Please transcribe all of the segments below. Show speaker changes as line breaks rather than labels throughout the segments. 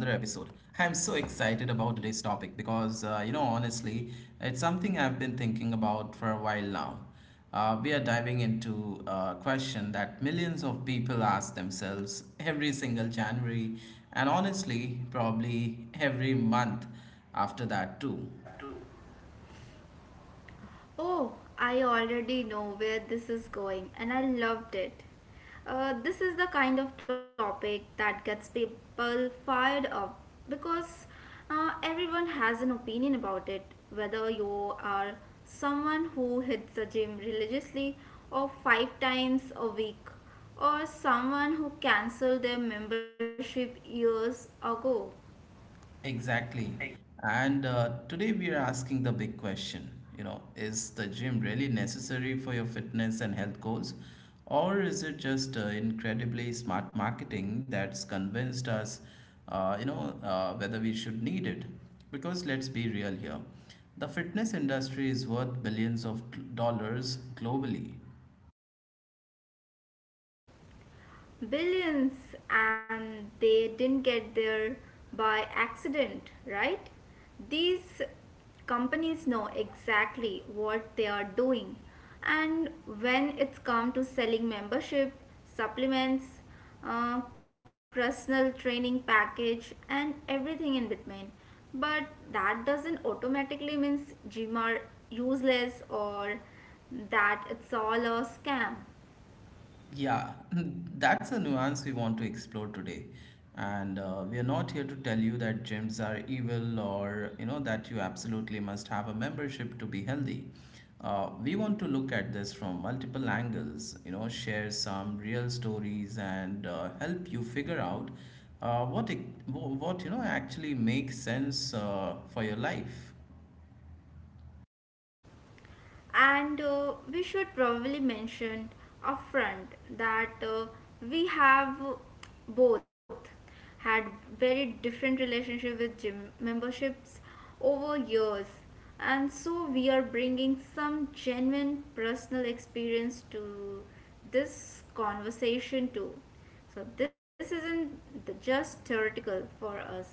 I'm so excited about today's topic because, honestly, it's something I've been thinking about for a while now. We are diving into a question that millions of people ask themselves every single January and honestly, probably every month after that, too.
That too. Oh, I already know where this is going, and I loved it. This is the kind of topic that gets people fired up because everyone has an opinion about it, whether you are someone who hits the gym religiously or five times a week, or someone who canceled their membership years ago.
Exactly. And today we are asking the big question, you know, is the gym really necessary for your fitness and health goals? Or is it just incredibly smart marketing that's convinced us, whether we should need it? Because let's be real here. The fitness industry is worth billions of dollars globally.
Billions, and they didn't get there by accident, right? These companies know exactly what they are doing. And when it's come to selling membership, supplements, personal training package, and everything in between. But that doesn't automatically means gym are useless or that it's all a scam.
Yeah, that's a nuance we want to explore today. And we are not here to tell you that gyms are evil, or you know that you absolutely must have a membership to be healthy. We want to look at this from multiple angles, you know, share some real stories and help you figure out uh, what it, what you know actually makes sense for your life.
And we should probably mention upfront that we have both had very different relationship with gym memberships over years, and so we are bringing some genuine personal experience to this conversation too, so this isn't just theoretical for us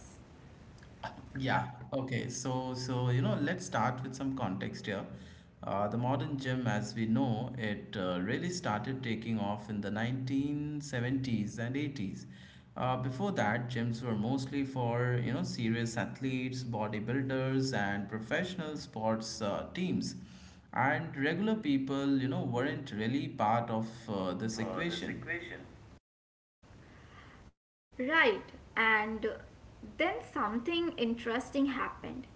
Yeah, okay. So, you know, let's start with some context here. The modern gym, as we know, it really started taking off in the 1970s and 80s. Before that, gyms were mostly for, you know, serious athletes, bodybuilders, and professional sports teams. And regular people, you know, weren't really part of this equation.
for this equation. Right, and then something interesting happened.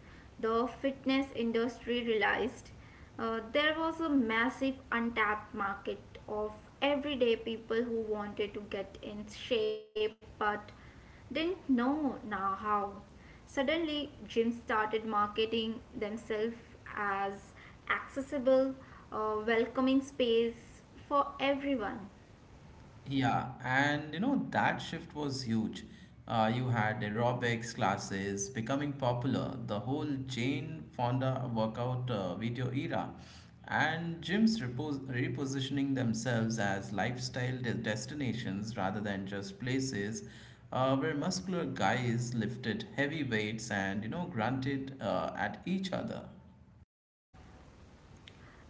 The fitness industry realized there was a massive untapped market of everyday people who wanted to get in shape but didn't know now how. Suddenly, gyms started marketing themselves as accessible, welcoming space for everyone.
Yeah, and you know that shift was huge. You had aerobics classes becoming popular, the whole Jane Fonda workout video era, and gyms repositioning themselves as lifestyle destinations rather than just places where muscular guys lifted heavy weights and you know grunted at each other.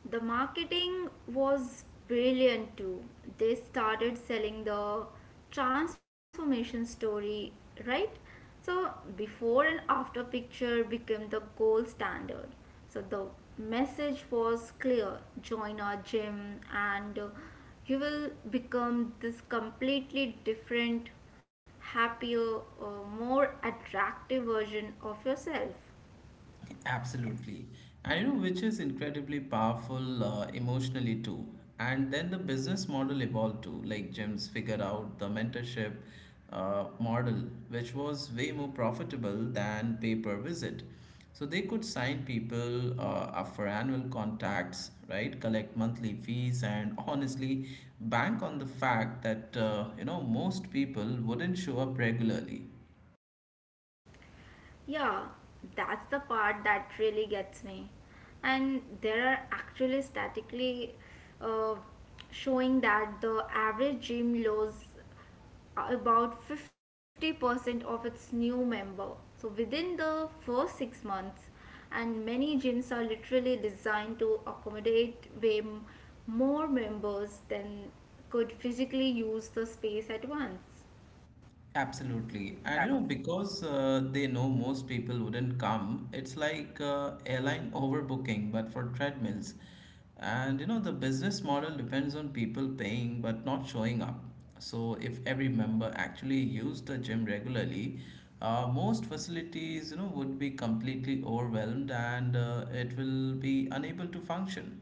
The marketing was brilliant too. They started selling the transformation story, right? So before and after picture became the gold standard. So the message was clear: join our gym, and you will become this completely different, happier, more attractive version of yourself.
Absolutely. And you know, which is incredibly powerful emotionally too. And then the business model evolved too. Like gyms figured out the mentorship model, which was way more profitable than pay per visit. So they could sign people up for annual contacts, right? Collect monthly fees, and honestly, bank on the fact that you know most people wouldn't show up regularly.
Yeah, that's the part that really gets me. And there are actually statically uh, showing that the average gym loses about 50% of its new member. So within the first 6 months, and many gyms are literally designed to accommodate way more members than could physically use the space at once.
Absolutely. And you know, because they know most people wouldn't come, it's like airline overbooking, but for treadmills. And you know, the business model depends on people paying but not showing up. So if every member actually used the gym regularly, most facilities, you know, would be completely overwhelmed and it will be unable to function.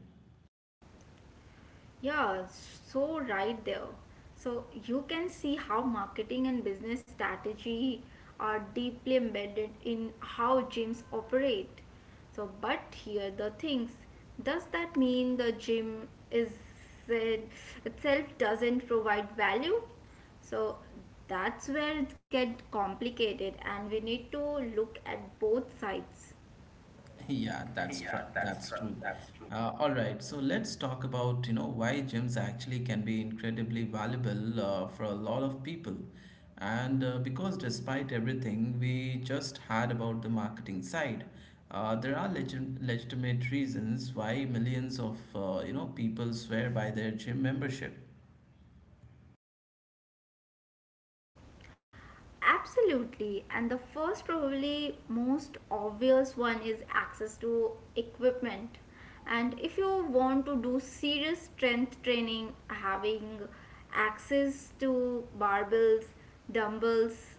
Yeah, so right there. So you can see how marketing and business strategy are deeply embedded in how gyms operate. So, but here the things, does that mean the gym is it, itself doesn't provide value? So that's where it gets complicated, and we need to look at both sides.
Yeah,
Yeah, that's
that's
true.
true.
That's true.
All right, so let's talk about, you know, why gyms actually can be incredibly valuable for a lot of people. And because despite everything we just had about the marketing side, there are legitimate reasons why millions of, you know, people swear by their gym membership.
Absolutely. And the first, probably most obvious one is access to equipment. And if you want to do serious strength training, having access to barbells, dumbbells,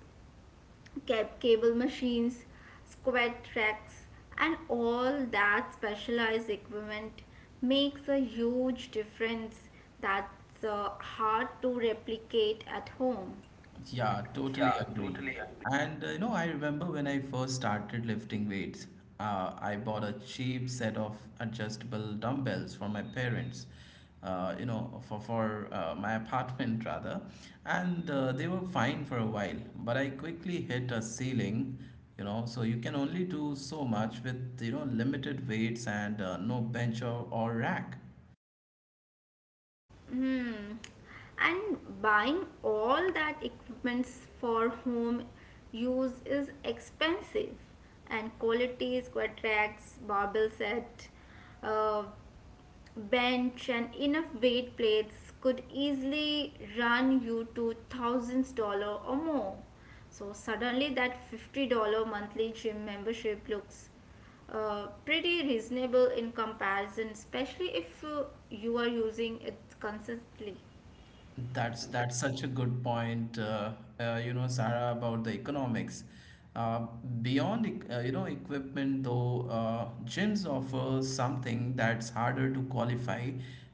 cable machines, squat racks, and all that specialized equipment makes a huge difference that's hard to replicate at home.
Yeah, totally
Yeah,
agree.
totally agree.
And you know, I remember when I first started lifting weights, I bought a cheap set of adjustable dumbbells for my parents, you know, for my apartment rather. And they were fine for a while, but I quickly hit a ceiling, you know, so you can only do so much with, you know, limited weights and no bench or rack.
Hmm. And buying all that equipments for home use is expensive, and quality is quite racks, barbell set, uh, bench, and enough weight plates could easily run you to thousands dollar or more. So suddenly that $50 monthly gym membership looks pretty reasonable in comparison, especially if you are using it consistently.
That's such a good point, you know, Sarah, about the economics. Uh, beyond, you know, equipment though, gyms offer something that's harder to qualify,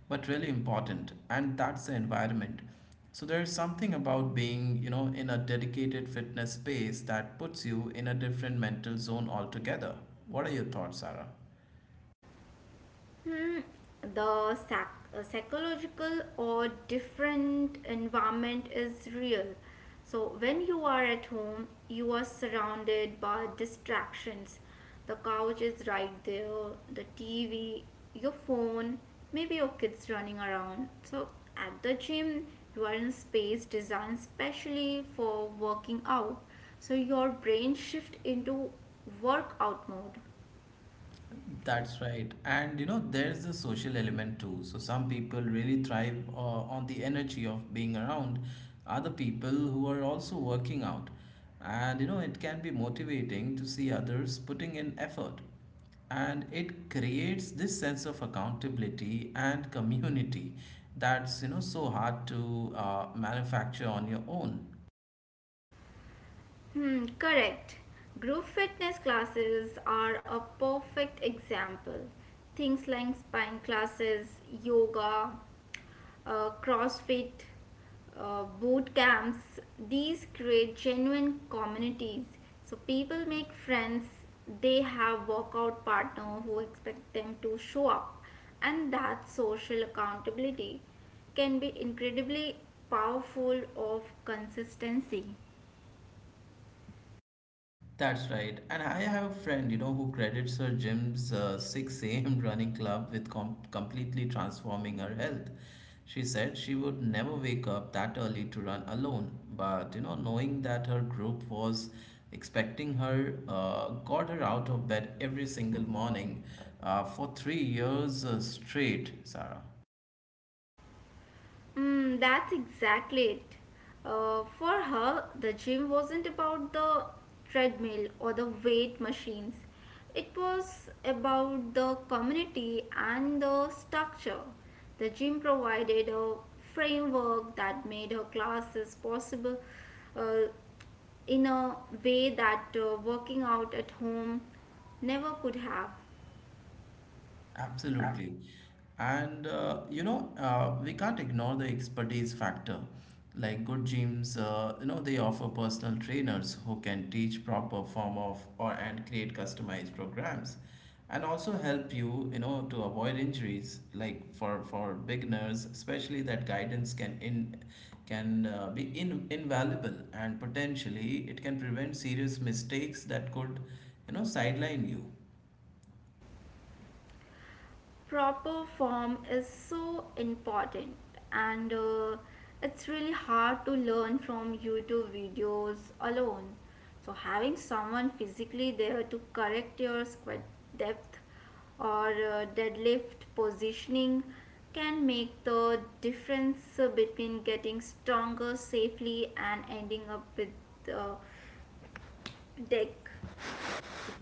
but really important, and that's the environment. So there is something about being, you know, in a dedicated fitness space that puts you in a different mental zone altogether. What are your thoughts, Sarah?
Hmm, the psychological or different environment is real. So when you are at home, you are surrounded by distractions. The couch is right there, the TV, your phone, maybe your kids running around. So at the gym, you are in a space designed specially for working out. So your brain shift into workout mode.
That's right. And you know, there's the social element too. So some people really thrive on the energy of being around other people who are also working out. And you know, it can be motivating to see others putting in effort. And it creates this sense of accountability and community that's you know so hard to manufacture on your own.
Hmm, correct. Group fitness classes are a perfect example. Things like spine classes, yoga, CrossFit, boot camps, these create genuine communities. So people make friends, they have workout partner who expect them to show up, and that social accountability can be incredibly powerful of consistency.
That's right. And I have a friend, you know, who credits her gym's 6 a.m. running club with completely transforming her health. She said she would never wake up that early to run alone, but, you know, knowing that her group was expecting her got her out of bed every single morning for 3 years straight, Sarah.
Mm, that's exactly it. For her, the gym wasn't about the treadmill or the weight machines. It was about the community and the structure. The gym provided a framework that made her classes possible uh, in a way that working out at home never could have.
Absolutely. And you know, we can't ignore the expertise factor. Like good gyms, you know, they offer personal trainers who can teach proper form of or and create customized programs and also help you, you know, to avoid injuries. Like for beginners, especially that guidance can be invaluable, and potentially it can prevent serious mistakes that could, you know, sideline you.
Proper form is so important, and it's really hard to learn from youtube videos alone, so having someone physically there to correct your squat depth or deadlift positioning can make the difference between getting stronger safely and ending up with uh, deck.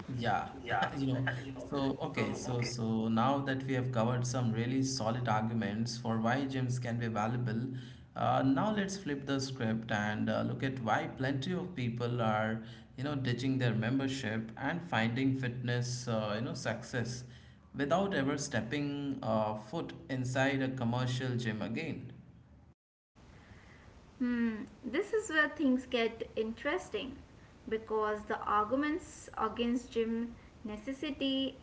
Yeah,
Yeah,
you know,
you know. So
okay, so
okay.
so now that we have covered some really solid arguments for why gyms can be valuable, now let's flip the script and look at why plenty of people are, you know, ditching their membership and finding fitness, you know, success without ever stepping foot inside a commercial gym again.
Hmm, this is where things get interesting because the arguments against gym necessity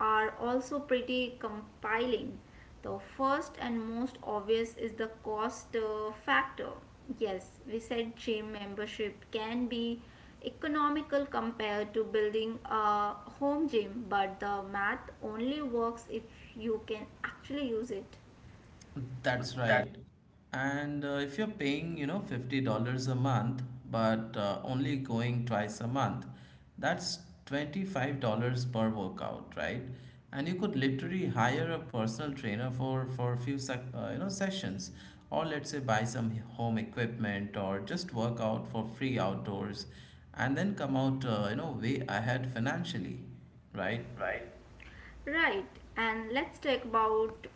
are also pretty compelling. The first and most obvious is the cost factor. Yes, we said gym membership can be economical compared to building a home gym, but the math only works if you can actually use it.
That's
That's
right. And if you're paying, you know, $50 a month, but only going twice a month, that's $25 per workout, right? And you could literally hire a personal trainer for a few sec you know sessions, or let's say buy some home equipment or just work out for free outdoors, and then come out you know way ahead financially, right?
right. Right, and let's talk about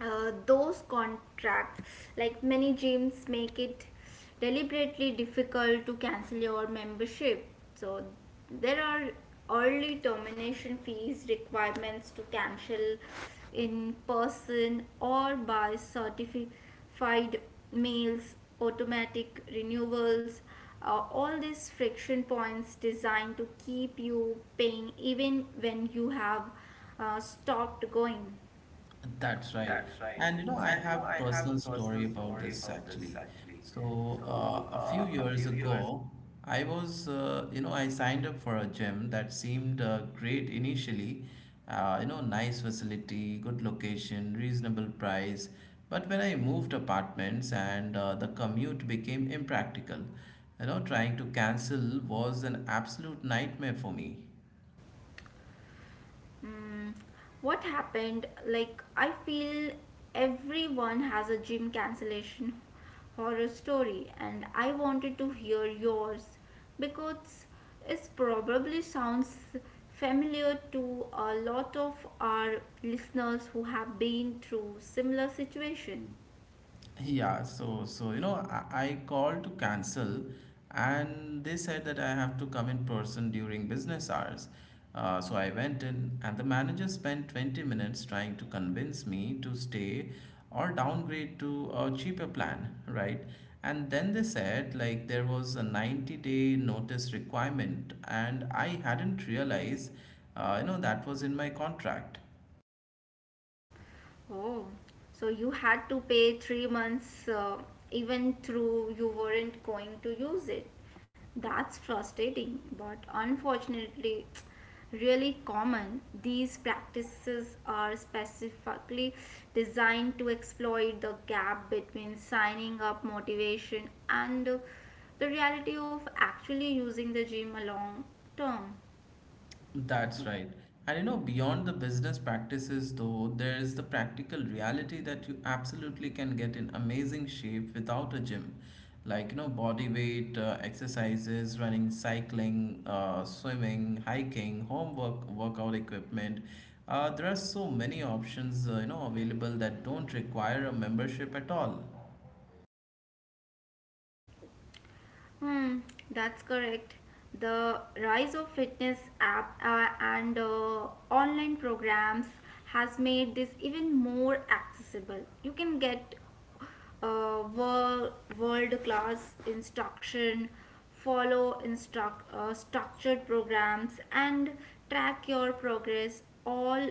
those contracts, like many gyms make it deliberately difficult to cancel your membership. So there are early termination fees, requirements to cancel in person or by certified mails, automatic renewals, all these friction points designed to keep you paying even when you have stopped going.
That's right.
That's right.
And you know, I
And
have
I
a
have
personal
a
story
personal
about
story
this
about this
actually.
actually.
So,
So,
a few
a
years
few years.
ago, I was, you know, I signed up for a gym that seemed great initially. You know, nice facility, good location, reasonable price. But when I moved apartments and the commute became impractical, you know, trying to cancel was an absolute nightmare for me.
Mm, what happened? Like, I feel everyone has a gym cancellation horror story, and I wanted to hear yours because it probably sounds familiar to a lot of our listeners who have been through similar situation.
Yeah, so you know, I called to cancel, and they said that I have to come in person during business hours. So I went in, and the manager spent 20 minutes trying to convince me to stay or downgrade to a cheaper plan, right? And then they said like there was a 90-day notice requirement, and I hadn't realized, you know, that was in my contract.
Oh, so you had to pay 3 months even through you weren't going to use it. That's frustrating, but unfortunately, really common. These practices are specifically designed to exploit the gap between signing up motivation and the reality of actually using the gym a long term.
That's right. And you know, beyond the business practices, though, there is the practical reality that you absolutely can get in amazing shape without a gym. Like, you know, body weight, exercises, running, cycling, swimming, hiking, workout equipment. There are so many options, you know, available that don't require a membership at all.
Hmm, that's correct. The rise of fitness app and online programs has made this even more accessible. You can get uh, world class instruction, follow structured programs, and track your progress all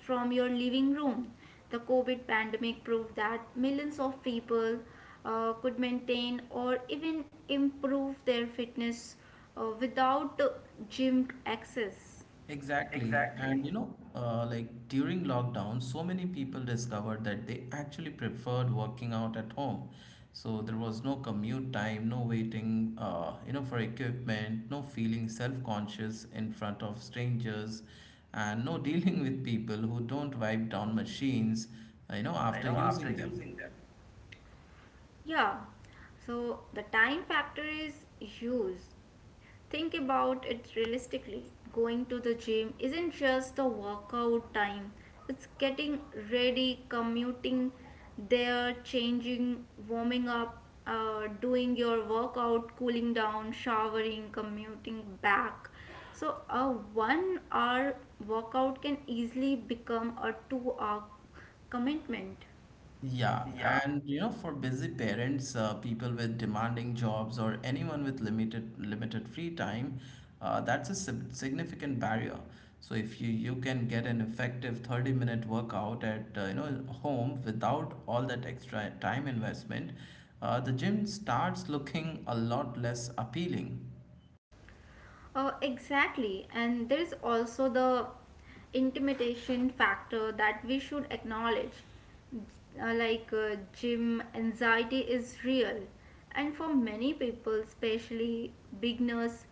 from your living room. The COVID pandemic proved that millions of people could maintain or even improve their fitness without gym access.
Exactly.
Exactly.
And you know, like during lockdown, so many people discovered that they actually preferred working out at home. So there was no commute time, no waiting, you know, for equipment, no feeling self-conscious in front of strangers, and no dealing with people who don't wipe down machines, you know,
I
after
know after
using them.
using them. Yeah, so the time factor is huge. Think about it realistically. Going to the gym isn't just the workout time, it's getting ready, commuting there, changing, warming up, doing your workout, cooling down, showering, commuting back. So a 1 hour workout can easily become a 2 hour commitment.
Yeah, and you know, for busy parents, people with demanding jobs, or anyone with limited free time, that's a significant barrier. So if you can get an effective 30-minute workout at you know home without all that extra time investment, the gym starts looking a lot less appealing.
Exactly, and there is also the intimidation factor that we should acknowledge. Gym anxiety is real, and for many people, especially beginners,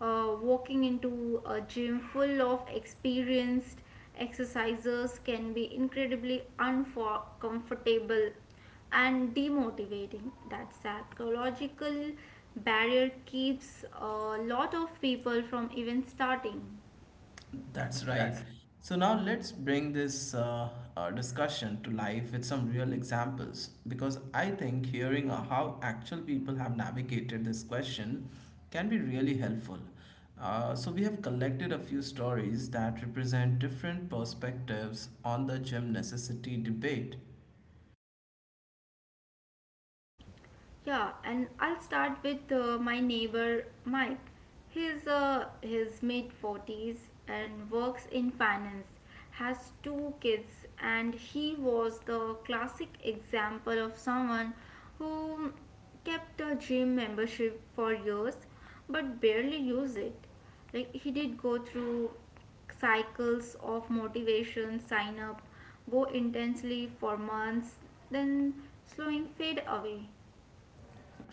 walking into a gym full of experienced exercisers can be incredibly uncomfortable and demotivating. That psychological barrier keeps a lot of people from even starting.
That's right.
That's.
So now let's bring this discussion to life with some real examples, because I think hearing how actual people have navigated this question can be really helpful. So we have collected a few stories that represent different perspectives on the gym necessity debate.
Yeah, and I'll start with my neighbor Mike. He's his mid 40s and works in finance, has two kids, and he was the classic example of someone who kept a gym membership for years but barely used it. Like he did go through cycles of motivation, sign up, go intensely for months, then slowing fade away.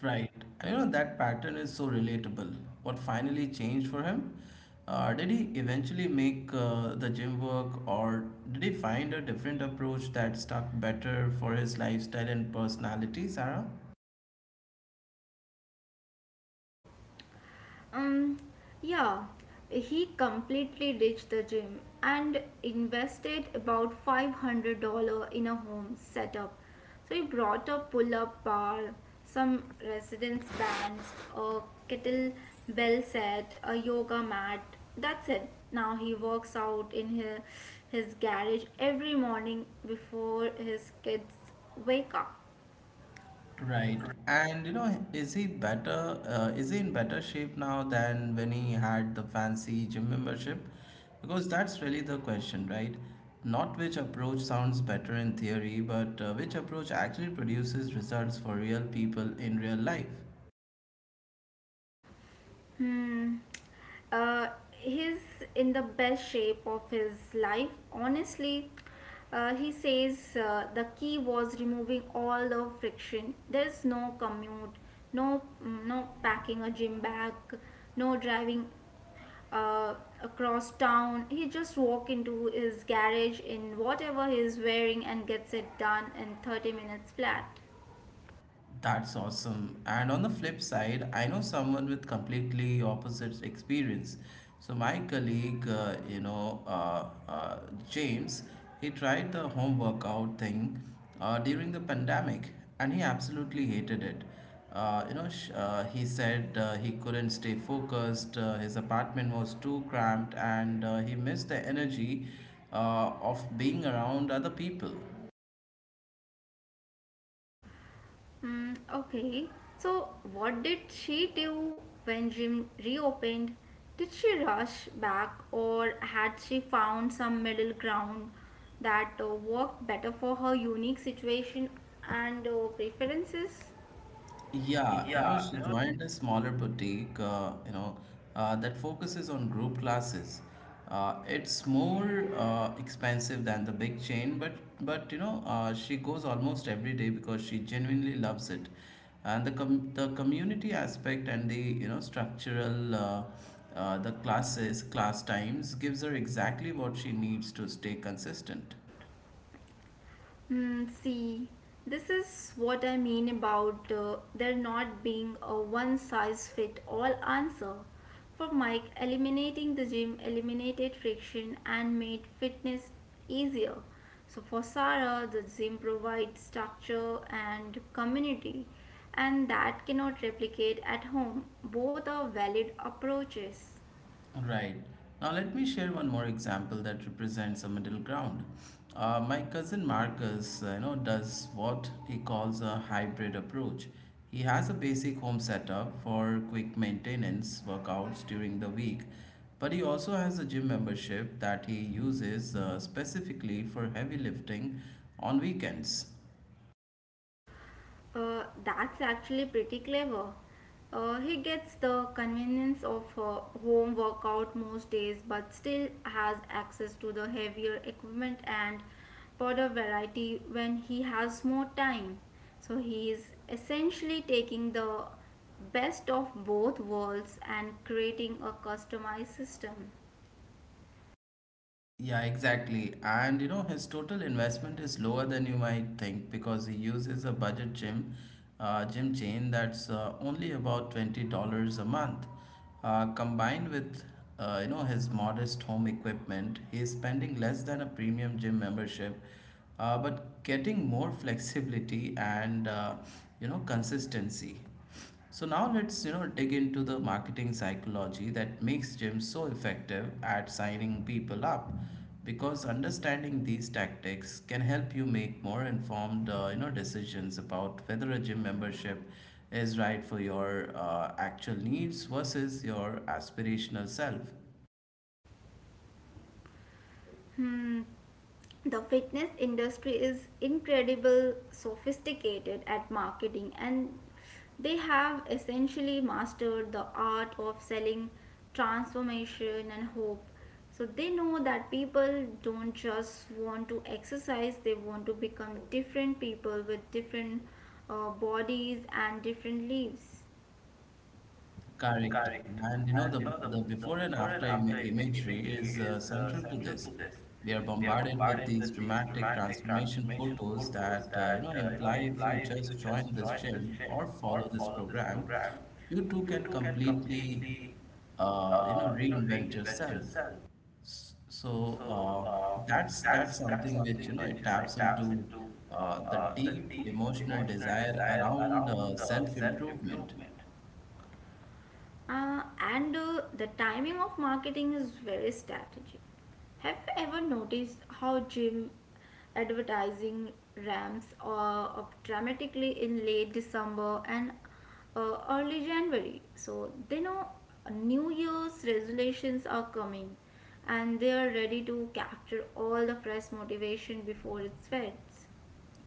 Right. You know, that pattern is so relatable. What finally changed for him? Did he eventually make the gym work, or did he find a different approach that stuck better for his lifestyle and personality, Sarah?
Um, yeah, he completely ditched the gym and invested about $500 in a home setup. So he brought a pull up bar, some resistance bands, a kettlebell set, a yoga mat. That's it. Now he works out in his garage every morning before his kids wake up.
Right. And you know, is he better? Is he in better shape now than when he had the fancy gym membership? Because that's really the question, right? Not which approach sounds better in theory, but which approach actually produces results for real people in real life.
Hmm. He's in the best shape of his life. Honestly, he says the key was removing all the friction. There's no commute, no no packing a gym bag, no driving uh, across town. He just walk into his garage in whatever he's wearing and gets it done in 30 minutes flat.
That's awesome. And on the flip side, I know someone with completely opposite experience. So my colleague, James, he tried the home workout thing during the pandemic, and he absolutely hated it. He said he couldn't stay focused. His apartment was too cramped, and he missed the energy of being around other people.
Mm, okay. So what did she do when gym reopened? Did she rush back, or had she found some middle ground that worked better for her unique situation and preferences?
Yeah, you know,
Yeah,
she
you know.
joined a smaller boutique, you know, that focuses on group classes. It's more expensive than the big chain, but she goes almost every day because she genuinely loves it, and the community aspect and the you know structural the class times gives her exactly what she needs to stay consistent.
Mm, see, this is what I mean about there not being a one size fit all answer. For Mike, eliminating the gym eliminated friction and made fitness easier. So for Sarah, the gym provides structure and community, and that cannot replicate at home. Both are valid approaches.
Right. Now, let me share one more example that represents a middle ground. My cousin Marcus, does what he calls a hybrid approach. He has a basic home setup for quick maintenance workouts during the week, but he also has a gym membership that he uses specifically for heavy lifting on weekends.
That's actually pretty clever. He gets the convenience of a home workout most days, but still has access to the heavier equipment and powder variety when he has more time. So he is essentially taking the best of both worlds and creating a customized system.
Yeah, exactly. And his total investment is lower than you might think because he uses a budget gym, gym chain that's only about $20 a month. Combined with his modest home equipment, he is spending less than a premium gym membership, but getting more flexibility and consistency. So now let's dig into the marketing psychology that makes gyms so effective at signing people up because understanding these tactics can help you make more informed decisions about whether a gym membership is right for your actual needs versus your aspirational self.
Hmm, the fitness industry is incredible sophisticated at marketing, and they have essentially mastered the art of selling transformation and hope. So they know that people don't just want to exercise, they want to become different people with different bodies and different lives.
Correct.
Correct.
And
And
the
the
before and
before and
after
after
ima- imagery
imagery
is
is
central to
central to
this.
this.
We are
We are
bombarded with
bombarded
these
with these
dramatic
dramatic
transformation
transformation
photos
photos
that,
that
imply if you
imply if you
just join
just
this
join this
gym
gym
or
or
follow this
follow this
program,
program,
you too
you
can
too can
completely,
completely
reinvent
reinvent
yourself.
yourself.
S- So
So
uh,
uh,
that's
that's
something which
something which
it
it
taps into
taps into
the
the
deep
deep
emotional
emotional
desire
desire
around
around self
self-improvement.
improvement. And The timing of marketing is very strategic. Have you ever noticed how gym advertising ramps are up dramatically in late December and early January? So they know New Year's resolutions are coming, and they are ready to capture all the fresh motivation before it fades.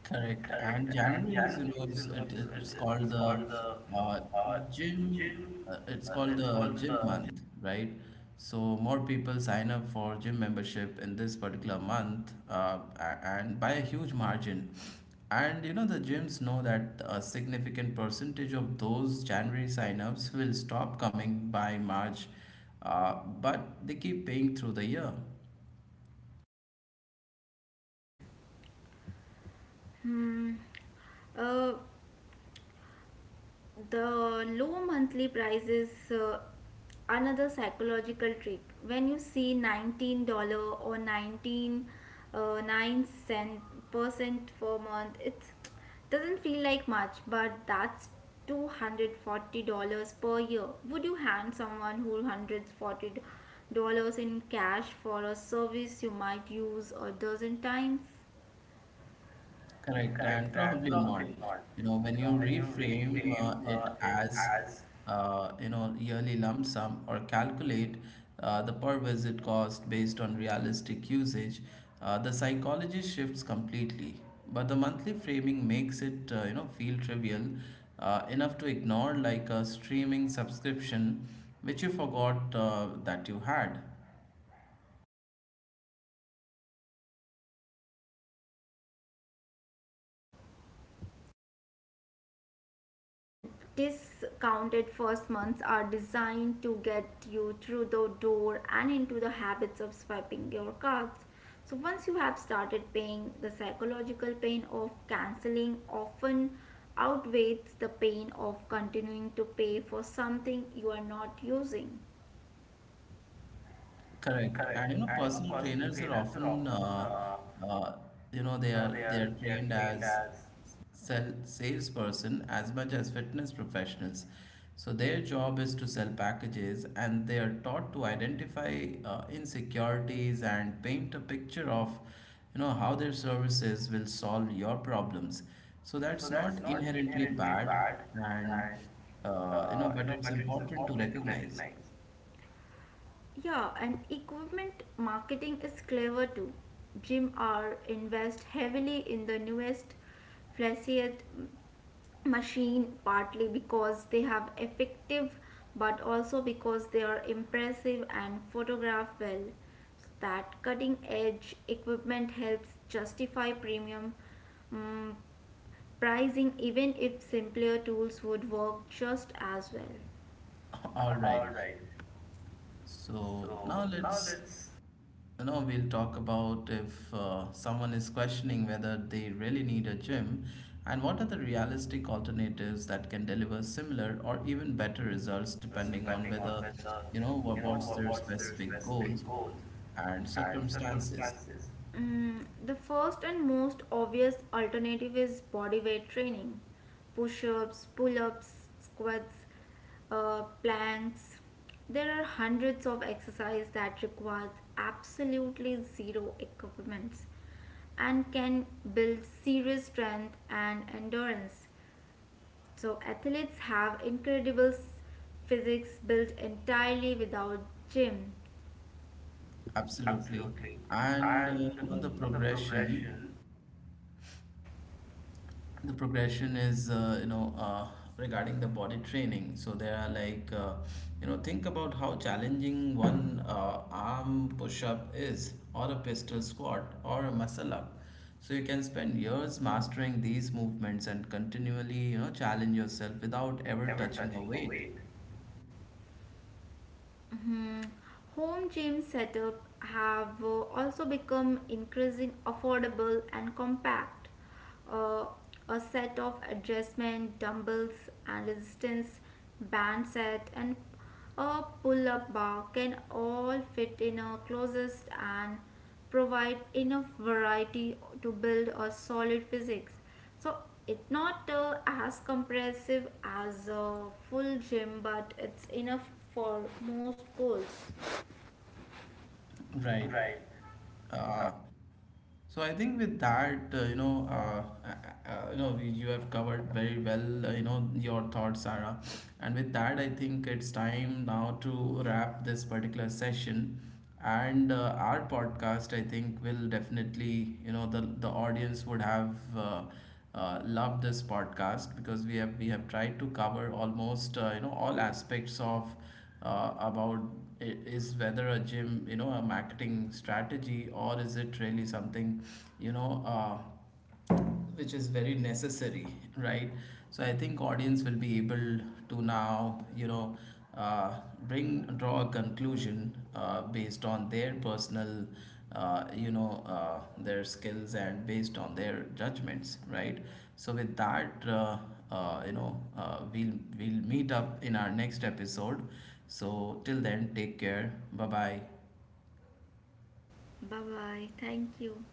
Correct.
Correct.
And
And
January is,
January is, it's,
it's called
it's
the
called the
uh,
uh,
gym,
gym.
it's called
It's
the
called
gym
the
month, right? So more people sign up for gym membership in this particular month, and by a huge margin. And the gyms know that a significant percentage of those January signups will stop coming by March, but they keep paying through the year.
Hmm. Uh, The low monthly price is another psychological trick. When you see $19 or 19 9 cent percent per month, it doesn't feel like much, but that's $240 per year. Would you hand someone who $140 in cash for a service you might use a dozen times?
Correct, and
Correct, and
probably not.
probably not.
When you
When you
reframe
reframe
it
it
as,
as,
yearly lump sum or calculate the per visit cost based on realistic usage, the psychology shifts completely. But the monthly framing makes it, feel trivial enough to ignore like a streaming subscription, which you forgot that you had.
and discounted first months are designed to get you through the door and into the habits of swiping your cards. So once you have started paying, the psychological pain of canceling often outweighs the pain of continuing to pay for something you are not using.
Correct.
Correct.
And
And
personal
personal
trainers are
trainers are
often,
often,
uh, they are
they are
trained
trained
as
as.
sell salesperson as much as fitness professionals. So their job is to sell packages, and they are taught to identify insecurities and paint a picture of, how their services will solve your problems. So
So
that's
that's
not
not
inherently
inherently
bad,
bad,
and
and
but it's
but it's
important to
important to
recognize.
recognize. Yeah, and equipment marketing is clever too. Gym R invest heavily in the newest, flashiest machine, partly because they have effective but also because they are impressive and photograph well. So that cutting edge equipment helps justify premium mm, pricing even if simpler tools would work just as well.
All right.
All right.
So
So
now
now let's
we'll talk about if someone is questioning whether they really need a gym and what are the realistic alternatives that can deliver similar or even better results
results
depending on
depending on
whether,
whether,
what's
what,
their
what's their
specific
specific
goals
goals
and
and
circumstances.
circumstances. Mm, the first and most obvious alternative is body weight training: push ups, pull ups, squats, planks. There are hundreds of exercises that requires absolutely zero equipment and can build serious strength and endurance. So athletes have incredible physics built entirely without gym.
Absolutely.
Absolutely.
And
And
you know, the
the
progression
progression
the progression is regarding the body training, so there are like think about how challenging one arm push up is, or a pistol squat or a muscle up, so you can spend years mastering these movements and continually challenge yourself without
without
ever
ever
touching a
touching a
weight.
weight. Hmm. Home gym setup have also become increasingly affordable and compact. Uh, a set of adjustment dumbbells and resistance band set and a pull-up bar can all fit in a closest and provide enough variety to build a solid physics. So it's not as compressive as a full gym, but it's enough for most goals
Right.
right.
uh, So I think with that, you have covered very well, your thoughts, Sarah. And with that, I think it's time now to wrap this particular session. And our podcast, I think, will definitely, the audience would have loved this podcast because we have tried to cover almost, all aspects of about is whether a gym, a marketing strategy or is it really something, you know, uh, which is very necessary, right? So I think audience will be able to now, uh, bring draw a conclusion based on their personal, their skills and based on their judgments, right? So with that, we'll meet up in our next episode, so till then, take care, bye bye.
Bye bye. Thank you.